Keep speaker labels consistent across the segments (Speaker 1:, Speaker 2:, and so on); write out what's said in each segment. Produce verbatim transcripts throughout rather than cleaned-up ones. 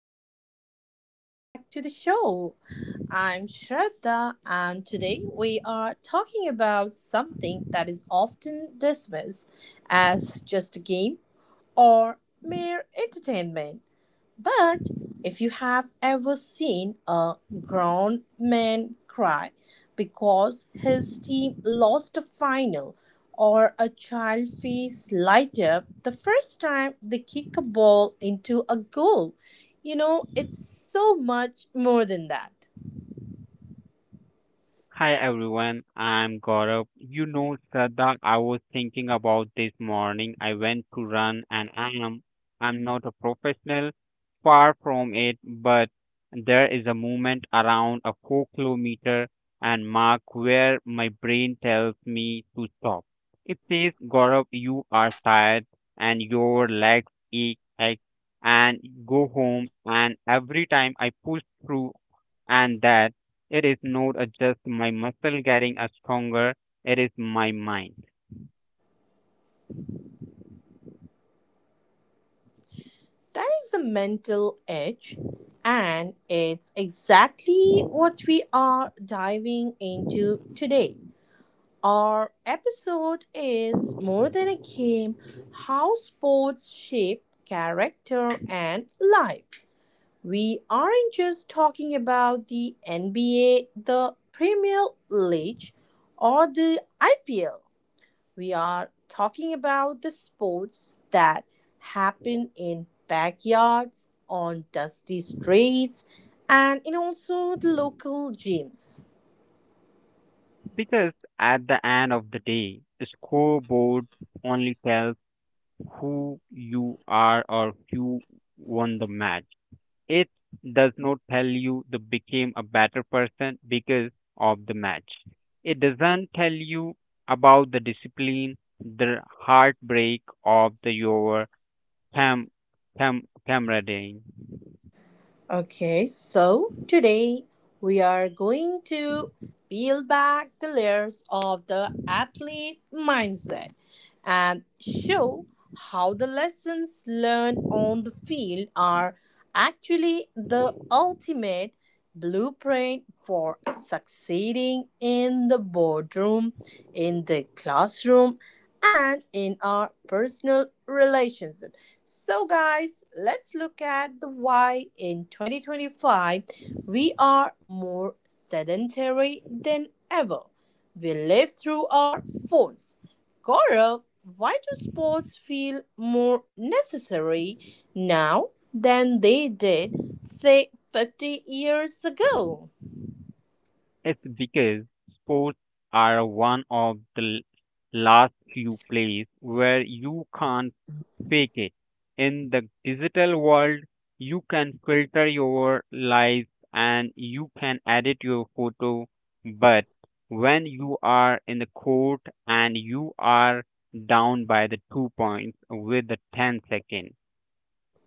Speaker 1: And welcome back to the show. I'm Shraddha, and today we are talking about something that is often dismissed as just a game or mere entertainment. But if you have ever seen a grown man cry because his team lost a final, or a child face light up the first time they kick a ball into a goal, you know, it's so much more than that.
Speaker 2: Hi everyone, I'm Gaurav. You know, Sadak, I was thinking about this morning. I went to run and I am I'm not a professional, far from it, but there is a movement around a four kilometer and mark where my brain tells me to stop. It says, Gaurav, you are tired and your legs ache, ache and go home. And every time I push through and that it is not a just my muscle getting a stronger, it is my mind.
Speaker 1: That is the mental edge, and it's exactly what we are diving into today. Our episode is more than a game how sports shape character and life. We aren't just talking about the N B A, the Premier League, or the I P L. We are talking about the sports that happen in backyards, on dusty streets, and in also the local gyms.
Speaker 2: Because at the end of the day, the scoreboard only tells who you are or who won the match. It does not tell you the became a better person because of the match. It doesn't tell you about the discipline, the heartbreak of the your cam cam camaraderie.
Speaker 1: Okay, so today we are going to peel back the layers of the athlete mindset and show how the lessons learned on the field are actually the ultimate blueprint for succeeding in the boardroom, in the classroom, and in our personal relationships. So, guys, let's look at the why in twenty twenty-five we are more sedentary than ever. We live through our phones. Gaurav, why do sports feel more necessary now than they did, say, fifty years ago?
Speaker 2: It's because sports are one of the l- last few places where you can't fake it. In the digital world, you can filter your lives and you can edit your photo, but when you are in the court and you are down by the two points with the ten second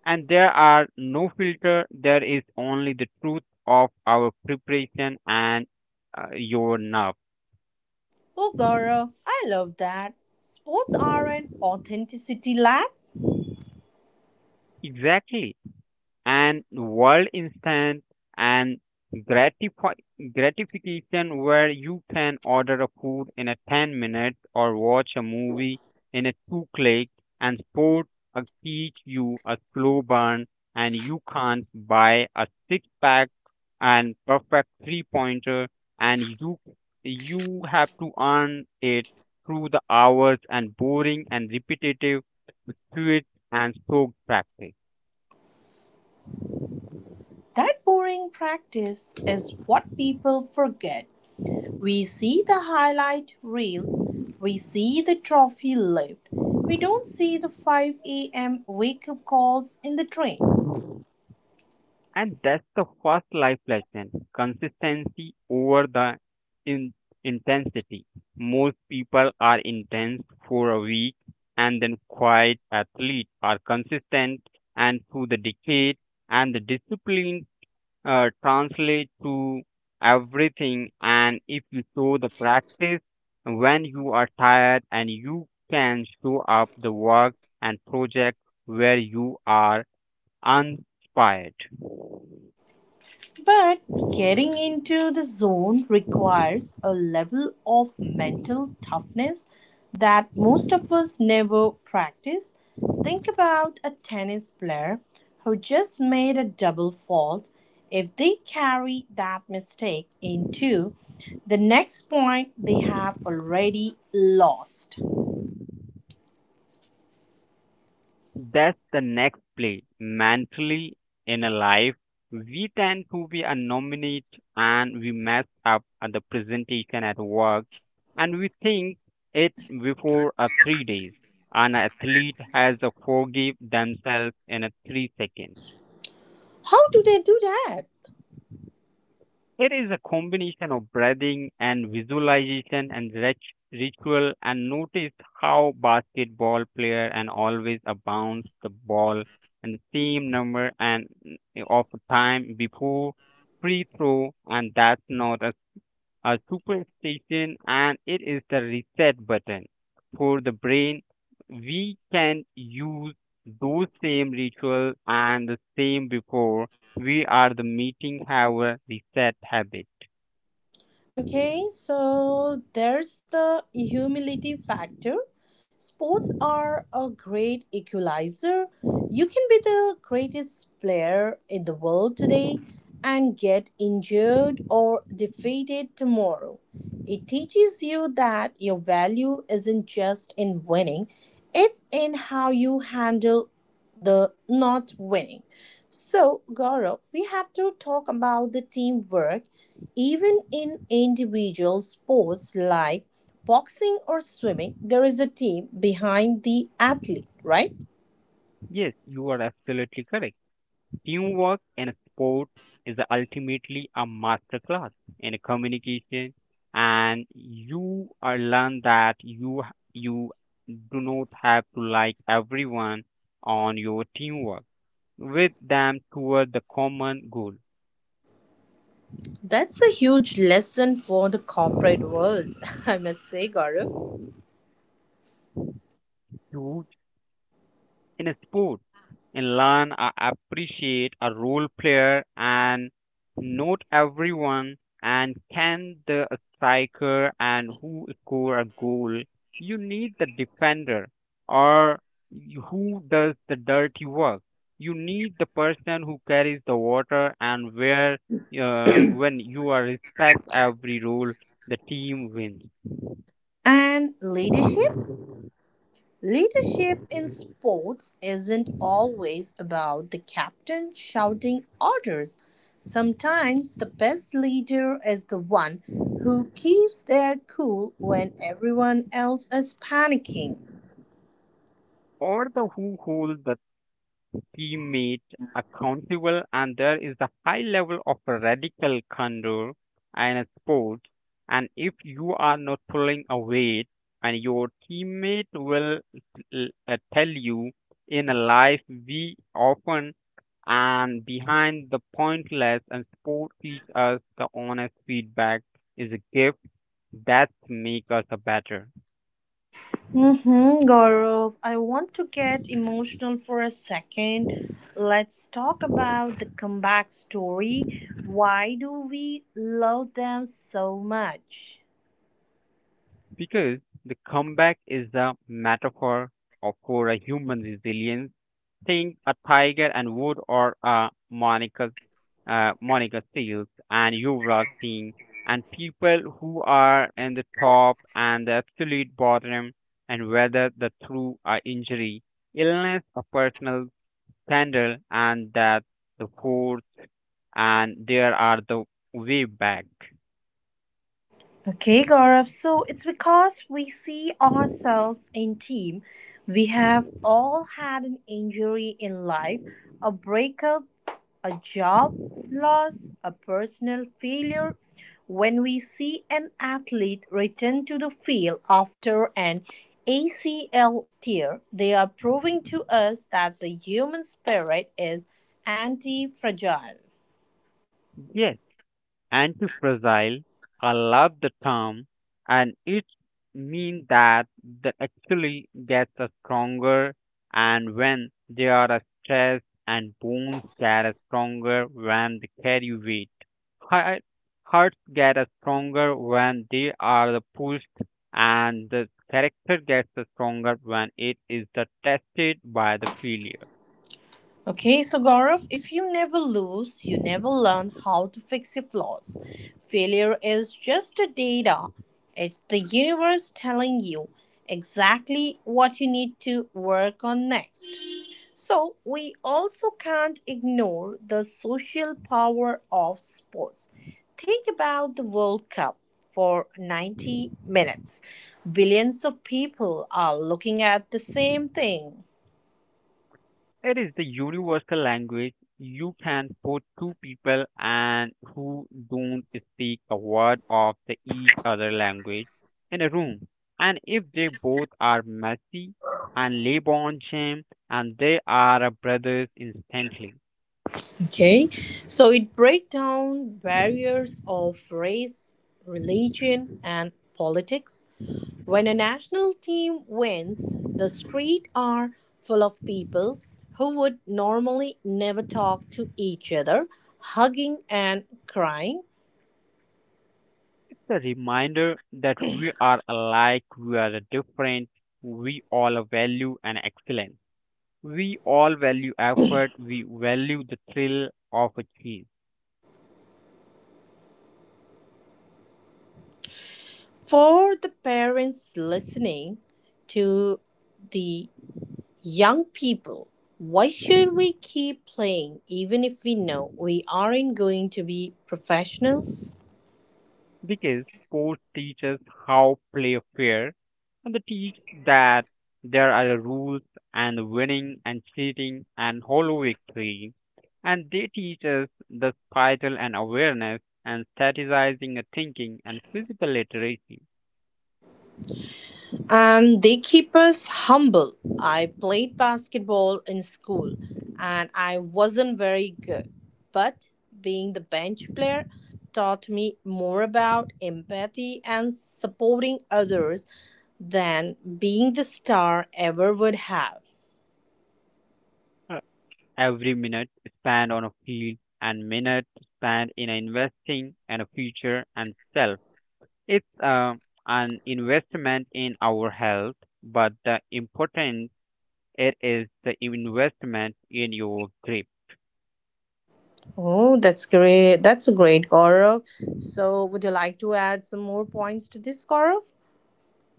Speaker 2: and there are no filter there is only the truth of our preparation and uh, your nerve.
Speaker 1: Oh, Gaurav, I love that. Sports are an authenticity lab.
Speaker 2: Exactly, and world instant and gratify gratification where you can order a food in a ten minutes or watch a movie in a two click and sport uh, teach you a slow burn, and you can't buy a six pack and perfect three pointer and you you have to earn it through the hours and boring and repetitive sweet and soak practice.
Speaker 1: That boring practice is what people forget. We see the highlight reels, we see the trophy lift. We don't see the five a m wake up calls in the train.
Speaker 2: And that's the first life lesson, consistency over the in- intensity. Most people are intense for a week and then quiet athletes are consistent and through the decade, and the discipline uh, translates to everything, and if you show the practice when you are tired and you can show up the work and project where you are uninspired.
Speaker 1: But getting into the zone requires a level of mental toughness that most of us never practice. Think about a tennis player who just made a double fault. If they carry that mistake into the next point, they have already lost.
Speaker 2: That's the next play. Mentally, in a life, we tend to be a nominate and we mess up at the presentation at work and we think it before a three days. An athlete has to forgive themselves in a three seconds.
Speaker 1: How do they do that?
Speaker 2: It is a combination of breathing and visualization and rit- ritual, and notice how basketball player and always a bounce the ball and the same number and of time before free throw, and that's not a a superstition, and it is the reset button for the brain. We can use those same ritual and the same before we are the meeting have a reset habit.
Speaker 1: Okay, so there's the humility factor. Sports are a great equalizer. You can be the greatest player in the world today and get injured or defeated tomorrow. It teaches you that your value isn't just in winning, it's in how you handle the not winning. So, Gaurav, we have to talk about the teamwork even in individual sports like boxing or swimming, there is a team behind the athlete, right?
Speaker 2: Yes, you are absolutely correct. Teamwork in sport is ultimately a master class in communication, and you are learn that you you do not have to like everyone on your teamwork with them toward the common goal.
Speaker 1: That's a huge lesson for the corporate world, I must say, Gaurav.
Speaker 2: Dude, in a sport, in learn, I appreciate a role player, and not everyone and can the striker and who score a goal. You need the defender or who does the dirty work. You need the person who carries the water and where uh, when you are respect every role, the team wins.
Speaker 1: And leadership? Leadership in sports isn't always about the captain shouting orders. Sometimes the best leader is the one who keeps their cool when everyone else is panicking.
Speaker 2: Or the who holds the teammate accountable, and there is a high level of radical candor in a sport. And if you are not pulling a weight, and your teammate will l- uh, tell you. In a life, we often and behind the pointless, and sport teach us the honest feedback is a gift that make us a better.
Speaker 1: Mm-hmm. Gaurav, I want to get emotional for a second. Let's talk about the comeback story. Why do we love them so much?
Speaker 2: Because the comeback is a metaphor of for a human resilience, think a tiger and wood or a Monica, uh, Monica Seals and Yuvraj Singh, and people who are in the top and the absolute bottom and whether the through a injury, illness, a personal scandal, and that the fourth and there are the way back.
Speaker 1: Okay, Gaurav. So it's because we see ourselves in team. We have all had an injury in life, a breakup, a job loss, a personal failure. When we see an athlete return to the field after an A C L tear, they are proving to us that the human spirit is anti fragile.
Speaker 2: Yes. Anti, I love the term, and it means that they actually gets a stronger, and when they are a stressed, and bones get a stronger when they carry weight. Heart, Hearts get a stronger when they are the pushed, and the character gets a stronger when it is the tested by the failure.
Speaker 1: Okay, so Gaurav, if you never lose, you never learn how to fix your flaws. Failure is just a data, it's the universe telling you exactly what you need to work on next. So, we also can't ignore the social power of sports. Think about the World Cup for ninety minutes. Billions of people are looking at the same thing.
Speaker 2: It is the universal language, you can put two people and who don't speak a word of the each other language in a room. And if they both are messy and live on shame, and they are brothers instantly.
Speaker 1: Okay, so it breaks down barriers of race, religion, and politics. When a national team wins, the streets are full of people who would normally never talk to each other, hugging and crying.
Speaker 2: It's a reminder that we are alike, we are different, we all value and excellence. We all value effort, we value the thrill of a chase.
Speaker 1: For the parents listening to the young people, why should we keep playing even if we know we aren't going to be professionals?
Speaker 2: Because sports teaches how play fair, and they teach that there are rules, and winning and cheating and hollow victory, and they teach us the vital and awareness and strategizing and thinking and physical literacy.
Speaker 1: And they keep us humble. I played basketball in school and I wasn't very good. But being the bench player taught me more about empathy and supporting others than being the star ever would have.
Speaker 2: Uh, every minute spent on a field and minute spent in investing and a future and self, it's uh, an investment in our health but the importance. It is the investment in your dream.
Speaker 1: Oh, that's great. That's a great, Gaurav. So, would you like to add some more points to this, Gaurav?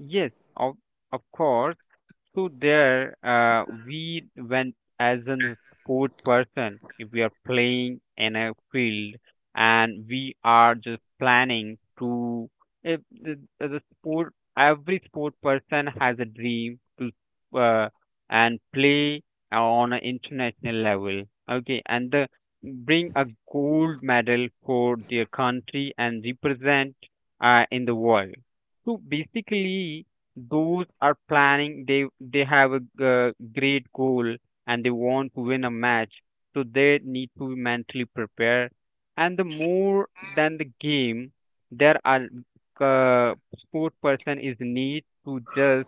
Speaker 2: Yes, of of course. So there, uh, we when as a sport person, if we are playing in a field and we are just planning to, if the, the sport, every sport person has a dream to uh, and play on an international level. Okay, and the, bring a gold medal for their country and represent uh, in the world. So basically, those are planning. They they have a g- great goal, and they want to win a match. So they need to be mentally prepare. And the more than the game, there are uh, sport person is need to just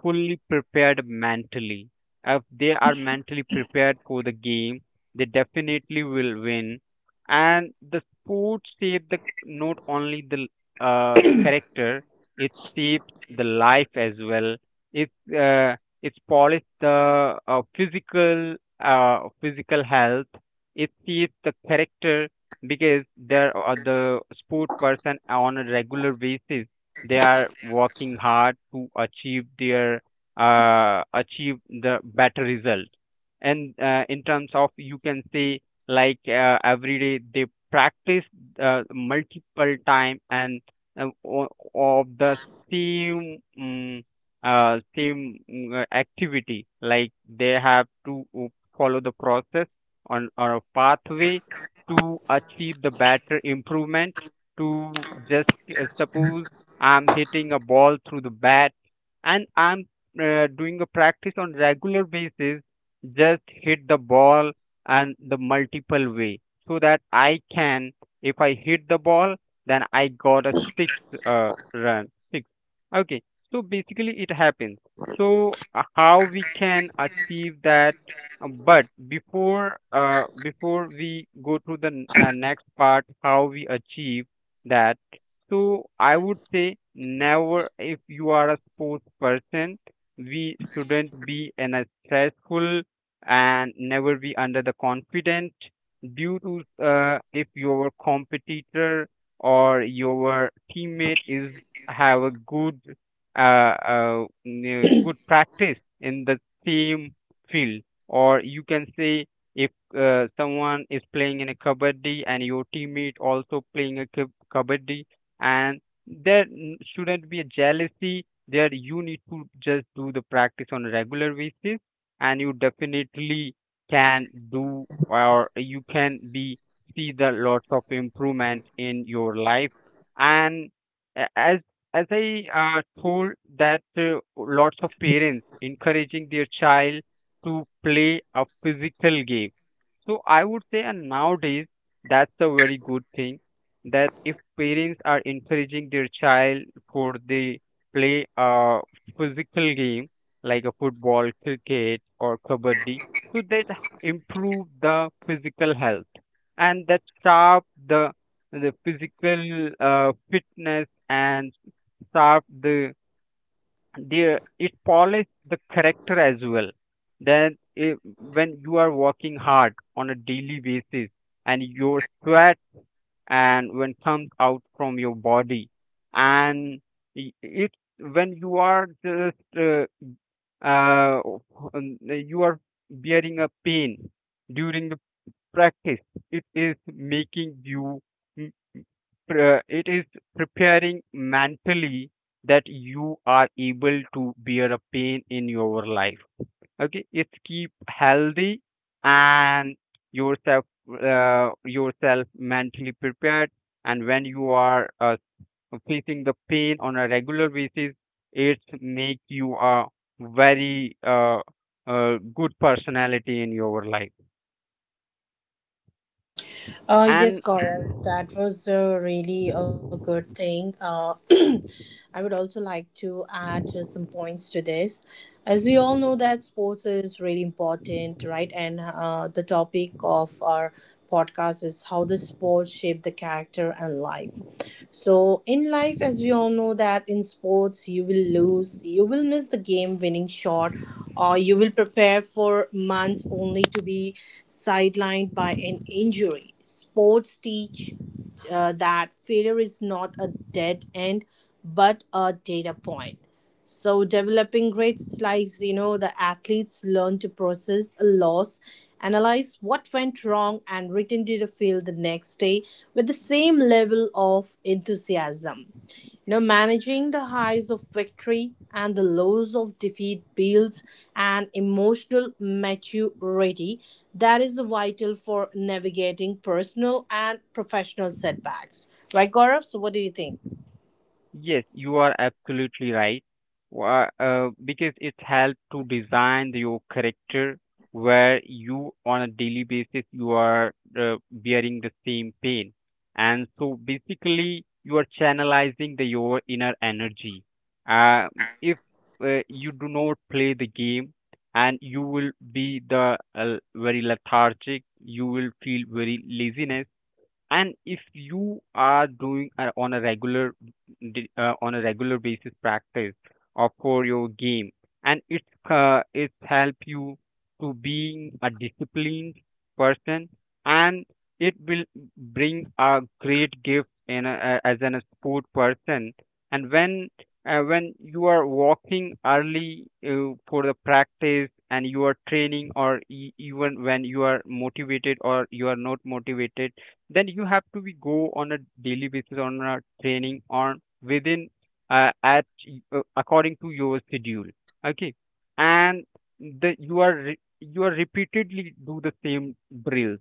Speaker 2: fully prepared mentally. If they are mentally prepared for the game, they definitely will win. And the sport shapes the not only the uh, character, it shapes the life as well. It uh, it polishes the uh, physical uh, physical health. It shapes the character because there are the sport person on a regular basis they are working hard to achieve their uh, achieve the better result. And uh, in terms of you can say like uh, every day they practice uh, multiple time and uh, o- of the same um, uh, same mm, uh, activity. Like they have to uh, follow the process on or a pathway to achieve the better improvement to just uh, suppose I'm hitting a ball through the bat, and I'm uh, doing a practice on regular basis. Just hit the ball and the multiple way so that I can, if I hit the ball, then I got a six uh, run, six. Okay, so basically it happens. So uh, how we can achieve that? Uh, But before uh, before we go to the n- uh, next part, how we achieve that? So I would say never if you are a sports person, we shouldn't be in a stressful and never be under the confident due to uh, if your competitor or your teammate is have a good uh, uh, n- good practice in the same field, or you can say if uh, someone is playing in a kabaddi and your teammate also playing a kab- kabaddi, and there n- shouldn't be a jealousy there, you need to just do the practice on a regular basis, and you definitely can do or you can be see the lots of improvement in your life. And a- as as I uh, told that uh, lots of parents encouraging their child to play a physical game, so I would say and nowadays that's a very good thing that if parents are encouraging their child for the play a physical game like a football, cricket, or kabaddi, so that improve the physical health and that sharp the the physical uh, fitness and sharp the their it polish the character as well. Then if, when you are working hard on a daily basis and your sweat and when comes out from your body and i- it's when you are just uh, uh, um, you are bearing a pain during the practice it is making you mm, pre- it is preparing mentally that you are able to bear a pain in your life. Okay, it's keep healthy and yourself uh, yourself mentally prepared, and when you are uh, facing the pain on a regular basis it make you a very uh, uh, good personality in your life
Speaker 1: Uh, yes,
Speaker 2: and.
Speaker 1: Gaurav, that was uh, really a good thing. Uh, I would also like to add uh, some points to this. As we all know that sports is really important, right? And uh, the topic of our podcast is how the sports shape the character and life. So in life, as we all know that in sports, you will lose, you will miss the game winning shot, or you will prepare for months only to be sidelined by an injury. Sports teach uh, that failure is not a dead end but a data point. So, developing great slides, you know, the athletes learn to process a loss, analyze what went wrong, and return to the field the next day with the same level of enthusiasm. You know, managing the highs of victory and the lows of defeat builds and emotional maturity that is vital for navigating personal and professional setbacks. Right, Gaurav? So, what do you think?
Speaker 2: Yes, you are absolutely right. Wha- Uh, because it helps to design your character where you on a daily basis you are uh, bearing the same pain. And so basically you are channelizing the your inner energy. Uh, if uh, you do not play the game and you will be the uh, very lethargic, you will feel very laziness. And if you are doing uh, on a regular d- uh, on a regular basis practice or for your game, and it's uh, it's help you to being a disciplined person. And it will bring a great gift in a, a- as an a sport person. And when uh, when you are walking early uh, for the practice and you are training, or e- even when you are motivated or you are not motivated, then you have to be go on a daily basis on a training on within uh, at uh, according to your schedule. Okay. And the you are re- you are repeatedly do the same drill,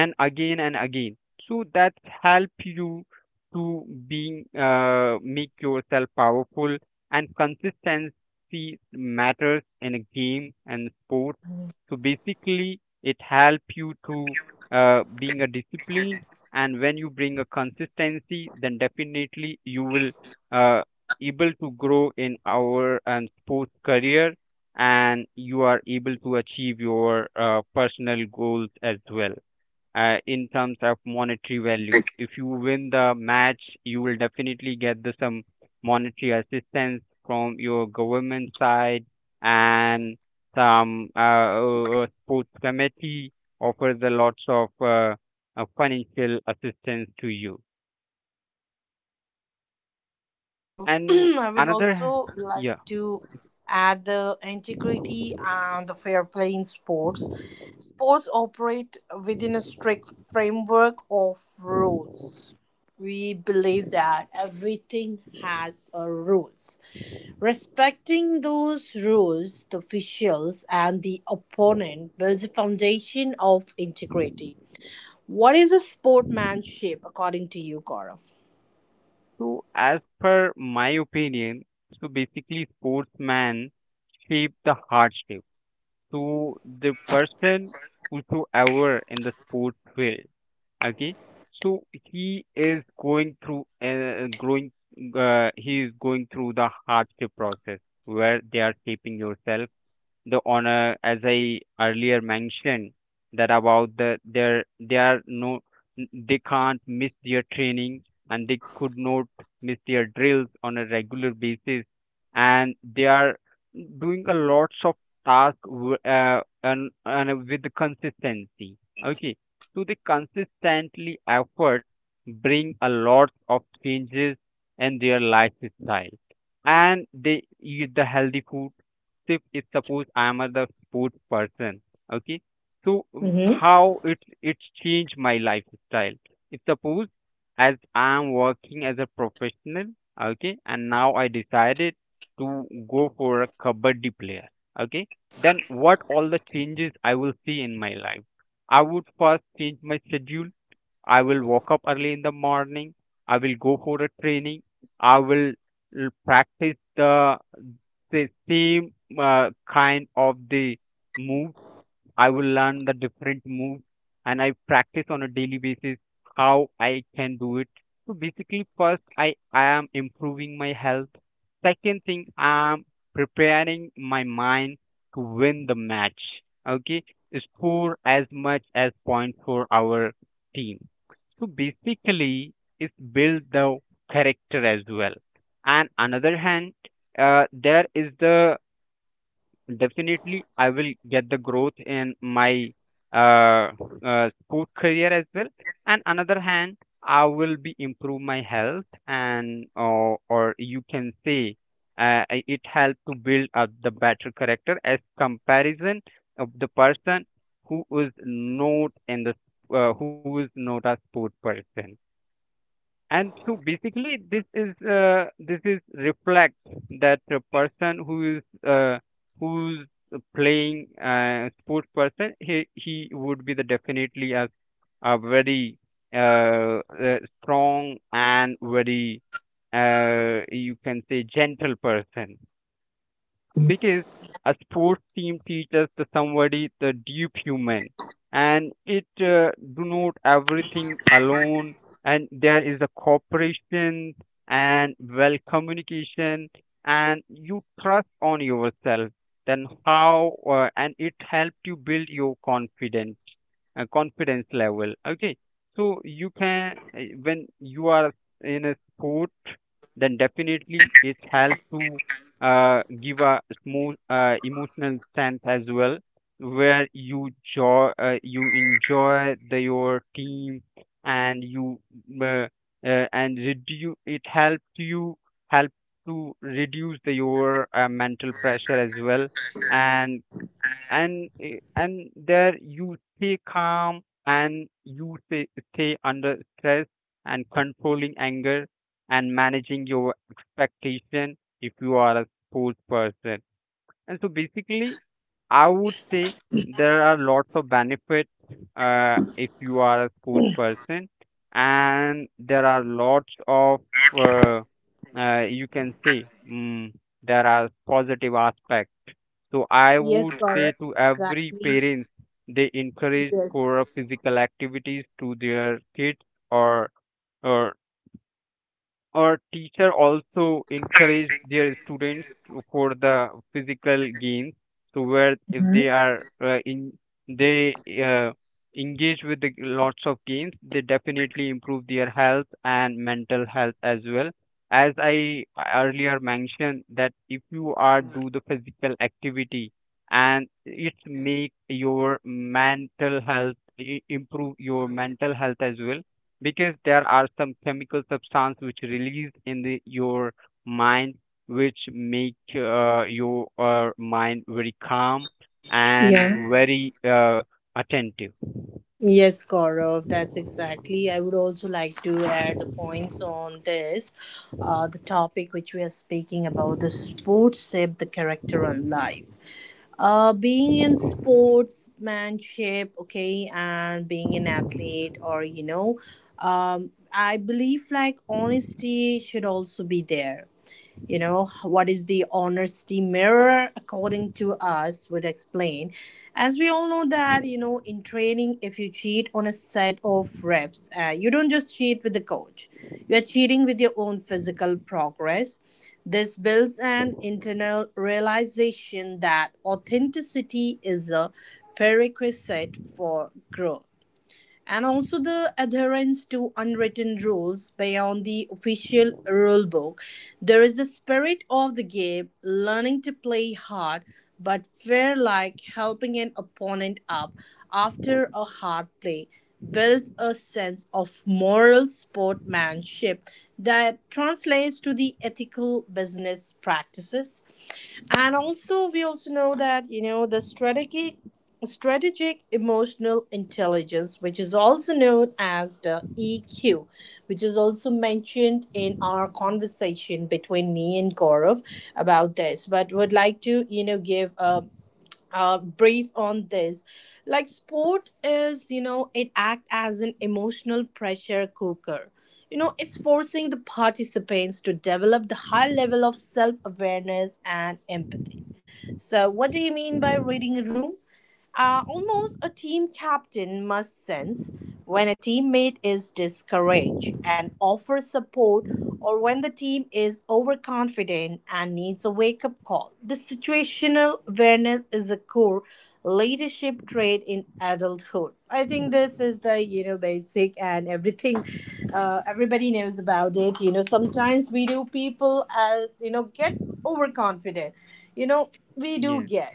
Speaker 2: and again and again, so that help you to being uh, make yourself powerful. And consistency matters in a game and sport. So basically it help you to uh, being a disciplined. And when you bring a consistency, then definitely you will uh, able to grow in our um, sports career, and you are able to achieve your uh, personal goals as well, uh, in terms of monetary value. If you win the match, you will definitely get the some monetary assistance from your government side, and some uh, uh, sports committee offers a lots of uh, uh, financial assistance to you.
Speaker 1: Uh, yes, Gaurav.
Speaker 2: And
Speaker 1: I would
Speaker 2: another,
Speaker 1: also like
Speaker 2: yeah.
Speaker 1: to add the integrity and the fair play in sports. Sports operate within a strict framework of rules. We believe that everything has a rules. Respecting those rules, the officials and the opponent builds a foundation of integrity. What is a sportmanship according to you, Gaurav?
Speaker 2: So as per my opinion, so basically sportsmen shape the hardship to the person whosoever in the sports field. Okay, so he is going through uh, growing. Uh, he is going through the hardship process where they are shaping yourself the honor, as I earlier mentioned, that about the their they are no n- they can't miss their training, and they could not miss their drills on a regular basis. And they are doing a lots of task w- uh, and, and with the consistency. Okay, so the consistently effort bring a lot of changes in their lifestyle, and they eat the healthy food. If it's suppose I am a the food person, okay? So w-
Speaker 1: Mm-hmm.
Speaker 2: how it it's changed my lifestyle. If suppose as I am working as a professional, okay, and now I decided to go for a kabaddi player, okay, then what all the changes I will see in my life? I would first change my schedule. I will wake up early in the morning. I will go for a training. I will l- practice the the same uh, kind of the move. I will learn the different moves, and I practice on a daily basis how I can do it. So basically, first, I, I am improving my health. Second thing, I'm preparing my mind to win the match. Okay, score as much as point for our team. So basically, it's build the character as well. And another hand, uh, there is the. Definitely, I will get the growth in my uh, uh, sport career as well. And another hand, I will be improve my health, and or or you can say uh, i- it help to build up the better character as comparison of the person who is not in the uh, who is not a sport person. And so basically this is uh, this is reflect that a person who is uh, who's playing uh, sports person, he he would be the definitely as a very uh, uh, strong and very uh, you can say gentle person, because a sports team teaches the somebody the deep human. And it uh, do not everything alone, and there is a cooperation and well communication, and you trust on yourself, then how uh, and it helped you build your confidence, uh, confidence level. Okay, so you can uh, when you are in a sport, then definitely it helps to uh, give a smooth uh, emotional sense as well, where you joy uh, you enjoy the your team. And you uh, uh, and reduce it helps you help to reduce the your uh, mental pressure as well. And and eh, and there you stay calm, and you stay, stay under stress, and controlling anger, and managing your expectation if you are a sports person. And so basically I would say there are lots of benefits uh, if you are a sports person, and there are lots of uh, uh, you can say mm, there are positive aspects. So I
Speaker 1: Yes,
Speaker 2: would say
Speaker 1: Gaurav.
Speaker 2: to every
Speaker 1: Exactly.
Speaker 2: parents they encourage for
Speaker 1: Yes.
Speaker 2: physical activities to their kids, or or our teacher also encourage their students to- for the physical games. So where if they are
Speaker 1: Hmm.
Speaker 2: uh, in they uh, engage with the lots of games, they definitely improve their health and mental health as well. As I earlier mentioned that if you are do the physical activity, and it make your mental health i- improve your mental health as well, because there are some chemical substance which released in the, your mind, which make uh, your uh, mind very calm and
Speaker 1: Yeah.
Speaker 2: very uh, attentive.
Speaker 1: Yes, Gaurav, that's exactly. I would also like to add the points on this, uh, the topic which we are speaking about, the sports shape the character and life. Uh, being in sportsmanship, okay, and being an athlete, or you know, um, I believe like honesty should also be there, you know, what is the honesty mirror according to us would explain, as we all know that, you know, in training if you cheat on a set of reps, uh, you don't just cheat with the coach, you are cheating with your own physical progress. This builds an internal realization that authenticity is a prerequisite for growth, and also the adherence to unwritten rules beyond the official rulebook. There is the spirit of the game, learning to play hard but fair, like helping an opponent up after a hard play, builds a sense of moral sportsmanship that translates to the ethical business practices. And also we also know that, you know, the strategic strategic emotional intelligence which is also known as the E Q, which is also mentioned in our conversation between me and Gaurav about this, but would like to, you know, give a uh, brief on this. Like sport is, you know, it act as an emotional pressure cooker, you know, it's forcing the participants to develop the high level of self-awareness and empathy. So, what do you mean by reading room? Uh, almost a team captain must sense when a teammate is discouraged and offer support, or when the team is overconfident and needs a wake up call. The situational awareness is a core leadership trait in adulthood. I think this is the, you know, basic and everything. Uh, everybody knows about it. You know, sometimes we do people as you know get overconfident, you know, we do
Speaker 2: yeah
Speaker 1: get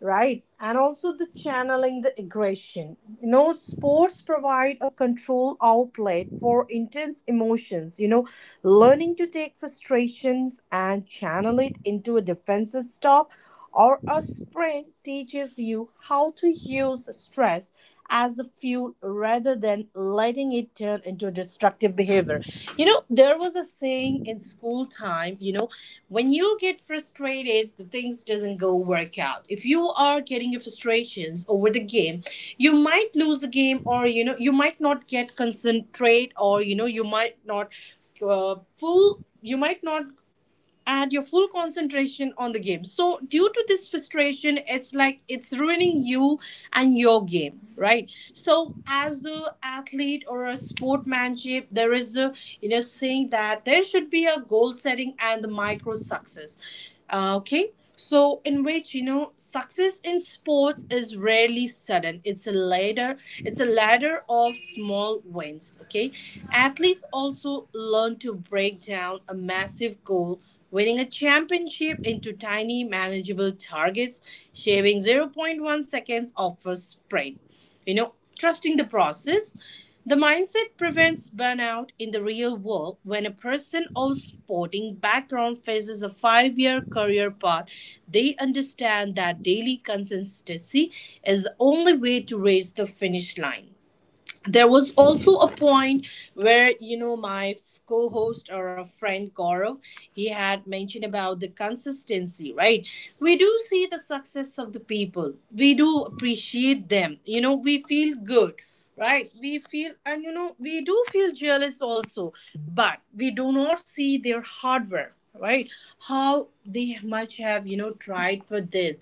Speaker 1: right. And also the channeling the aggression, you know, sports provide a control outlet for intense emotions, you know, learning to take frustrations and channel it into a defensive stop or a sprint teaches you how to use stress as a fuel rather than letting it turn into destructive behavior. You know, there was a saying in school time, you know, when you get frustrated the things doesn't go work out. If you are getting your frustrations over the game, you might lose the game, or, you know, you might not get concentrate, or, you know, you might not uh, pull you might not and your full concentration on the game. So due to this frustration, it's like it's ruining you and your game, right? So as a athlete or a sportmanship, there is a, you know, saying that there should be a goal setting and the micro success. Uh, okay. So in which, you know, success in sports is rarely sudden. It's a ladder. It's a ladder of small wins. Okay, athletes also learn to break down a massive goal winning a championship into tiny, manageable targets, shaving zero point zero point one seconds off a sprint. You know, trusting the process. The mindset prevents burnout in the real world when a person of sporting background faces a five year career path. They understand that daily consistency is the only way to reach the finish line. There was also a point where you know my f- co-host or a friend Gaurav, he had mentioned about the consistency, right? We do see the success of the people, we do appreciate them, you know we feel good. Right, we feel, and you know we do feel jealous also, but we do not see their hard work, right? How they much have you know tried for this,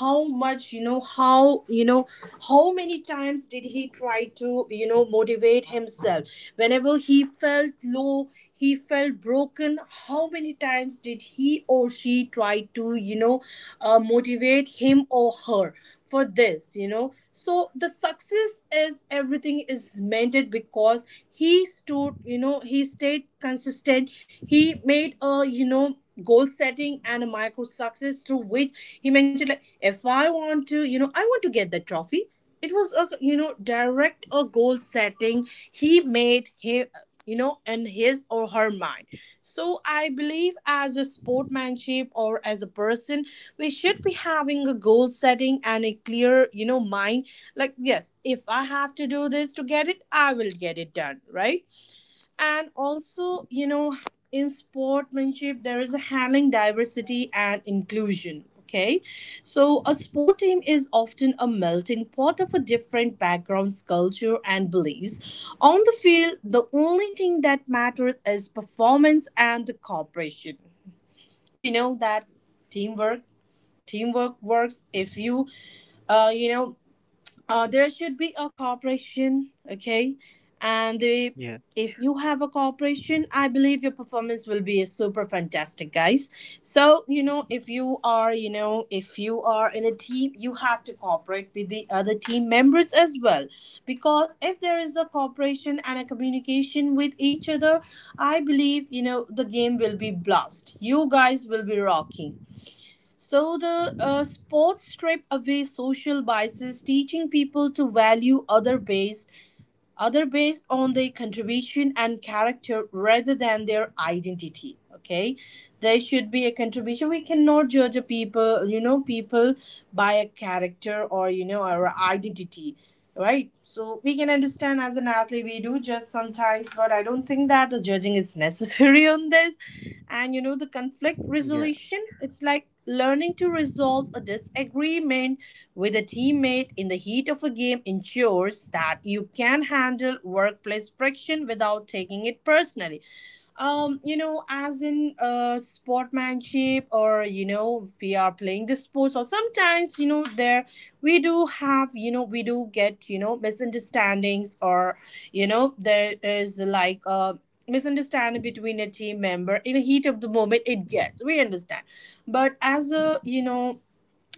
Speaker 1: how much you know how you know how many times did he try to you know motivate himself whenever he felt low, he felt broken. How many times did he or she try to you know uh, motivate him or her for this, you know so the success is everything is meant because he stood, you know he stayed consistent. He made a, you know goal setting and a micro success, through which he mentioned, like, if I want to, you know I want to get the trophy. It was a, you know direct a goal setting he made him, you know in his or her mind. So I believe as a sportmanship or as a person, we should be having a goal setting and a clear, you know, mind. Like, yes, if I have to do this to get it, I will get it done, right? And also, you know in sportsmanship there is a handling diversity and inclusion. Okay, so a sport team is often a melting pot of a different backgrounds, culture and beliefs. On the field, the only thing that matters is performance and the cooperation. We know that teamwork, teamwork works if you uh, you know uh, there should be a cooperation. Okay, and the,
Speaker 2: yeah
Speaker 1: if you have a cooperation, I believe your performance will be super fantastic, guys. So you know if you are, you know if you are in a team, you have to cooperate with the other team members as well, because if there is a cooperation and a communication with each other, I believe you know the game will be blast, you guys will be rocking. So the uh, sports strip away social biases, teaching people to value other based, other based on their contribution and character rather than their identity. Okay, there should be a contribution. We cannot judge a people, you know, people by a character or you know our identity. Right, so we can understand, as an athlete we do judge sometimes, but I don't think that the judging is necessary on this. And you know the conflict
Speaker 2: yeah
Speaker 1: resolution, it's like learning to resolve a disagreement with a teammate in the heat of a game ensures that you can handle workplace friction without taking it personally. Um you know as in uh sportsmanship, or you know if we are playing the sports, or sometimes you know there we do have, you know we do get, you know misunderstandings, or you know there is like uh misunderstanding between a team member in the heat of the moment, it gets, we understand. But as a, you know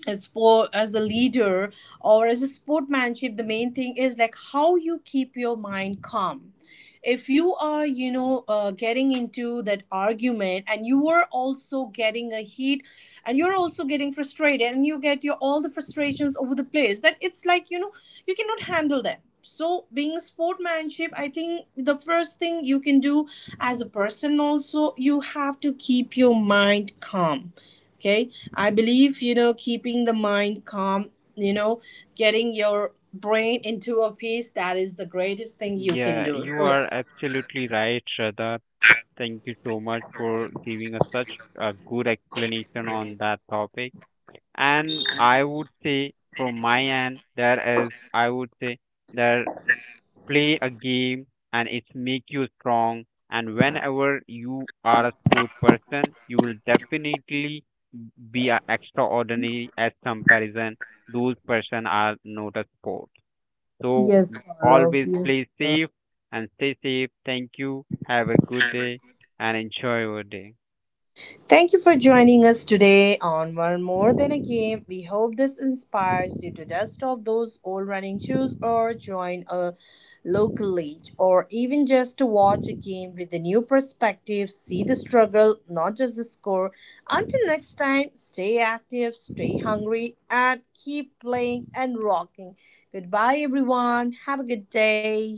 Speaker 1: as sport, as a leader or as a sportmanship, the main thing is like how you keep your mind calm. If you are, you know uh, getting into that argument and you are also getting a heat, and you're also getting frustrated, and you get your all the frustrations over the place, that it's like, you know you cannot handle them. So being a sportmanship, I think the first thing you can do, as a person also, you have to keep your mind calm. Okay, I believe, you know, keeping the mind calm, you know, getting your brain into a peace, that is the greatest thing you can
Speaker 2: yeah
Speaker 1: do.
Speaker 2: you
Speaker 1: So,
Speaker 2: are absolutely right, Shraddha. Thank you so much for giving us such a good explanation on that topic. And I would say from my end, there is, I would say, there, play a game and it make you strong. And whenever you are a sport person, you will definitely be a extraordinary as comparison those person are not a sport. So
Speaker 1: yes, Gaurav.
Speaker 2: always
Speaker 1: Yes,
Speaker 2: play safe and stay safe. Thank you, have a good day and enjoy your day.
Speaker 1: thank you for joining us today on One More Than a Game. We hope this inspires you to dust off those old running shoes or join a local league, or even just to watch a game with a new perspective, see the struggle, not just the score. Until next time, stay active, stay hungry, and keep playing and rocking. Goodbye, everyone. Have a good day.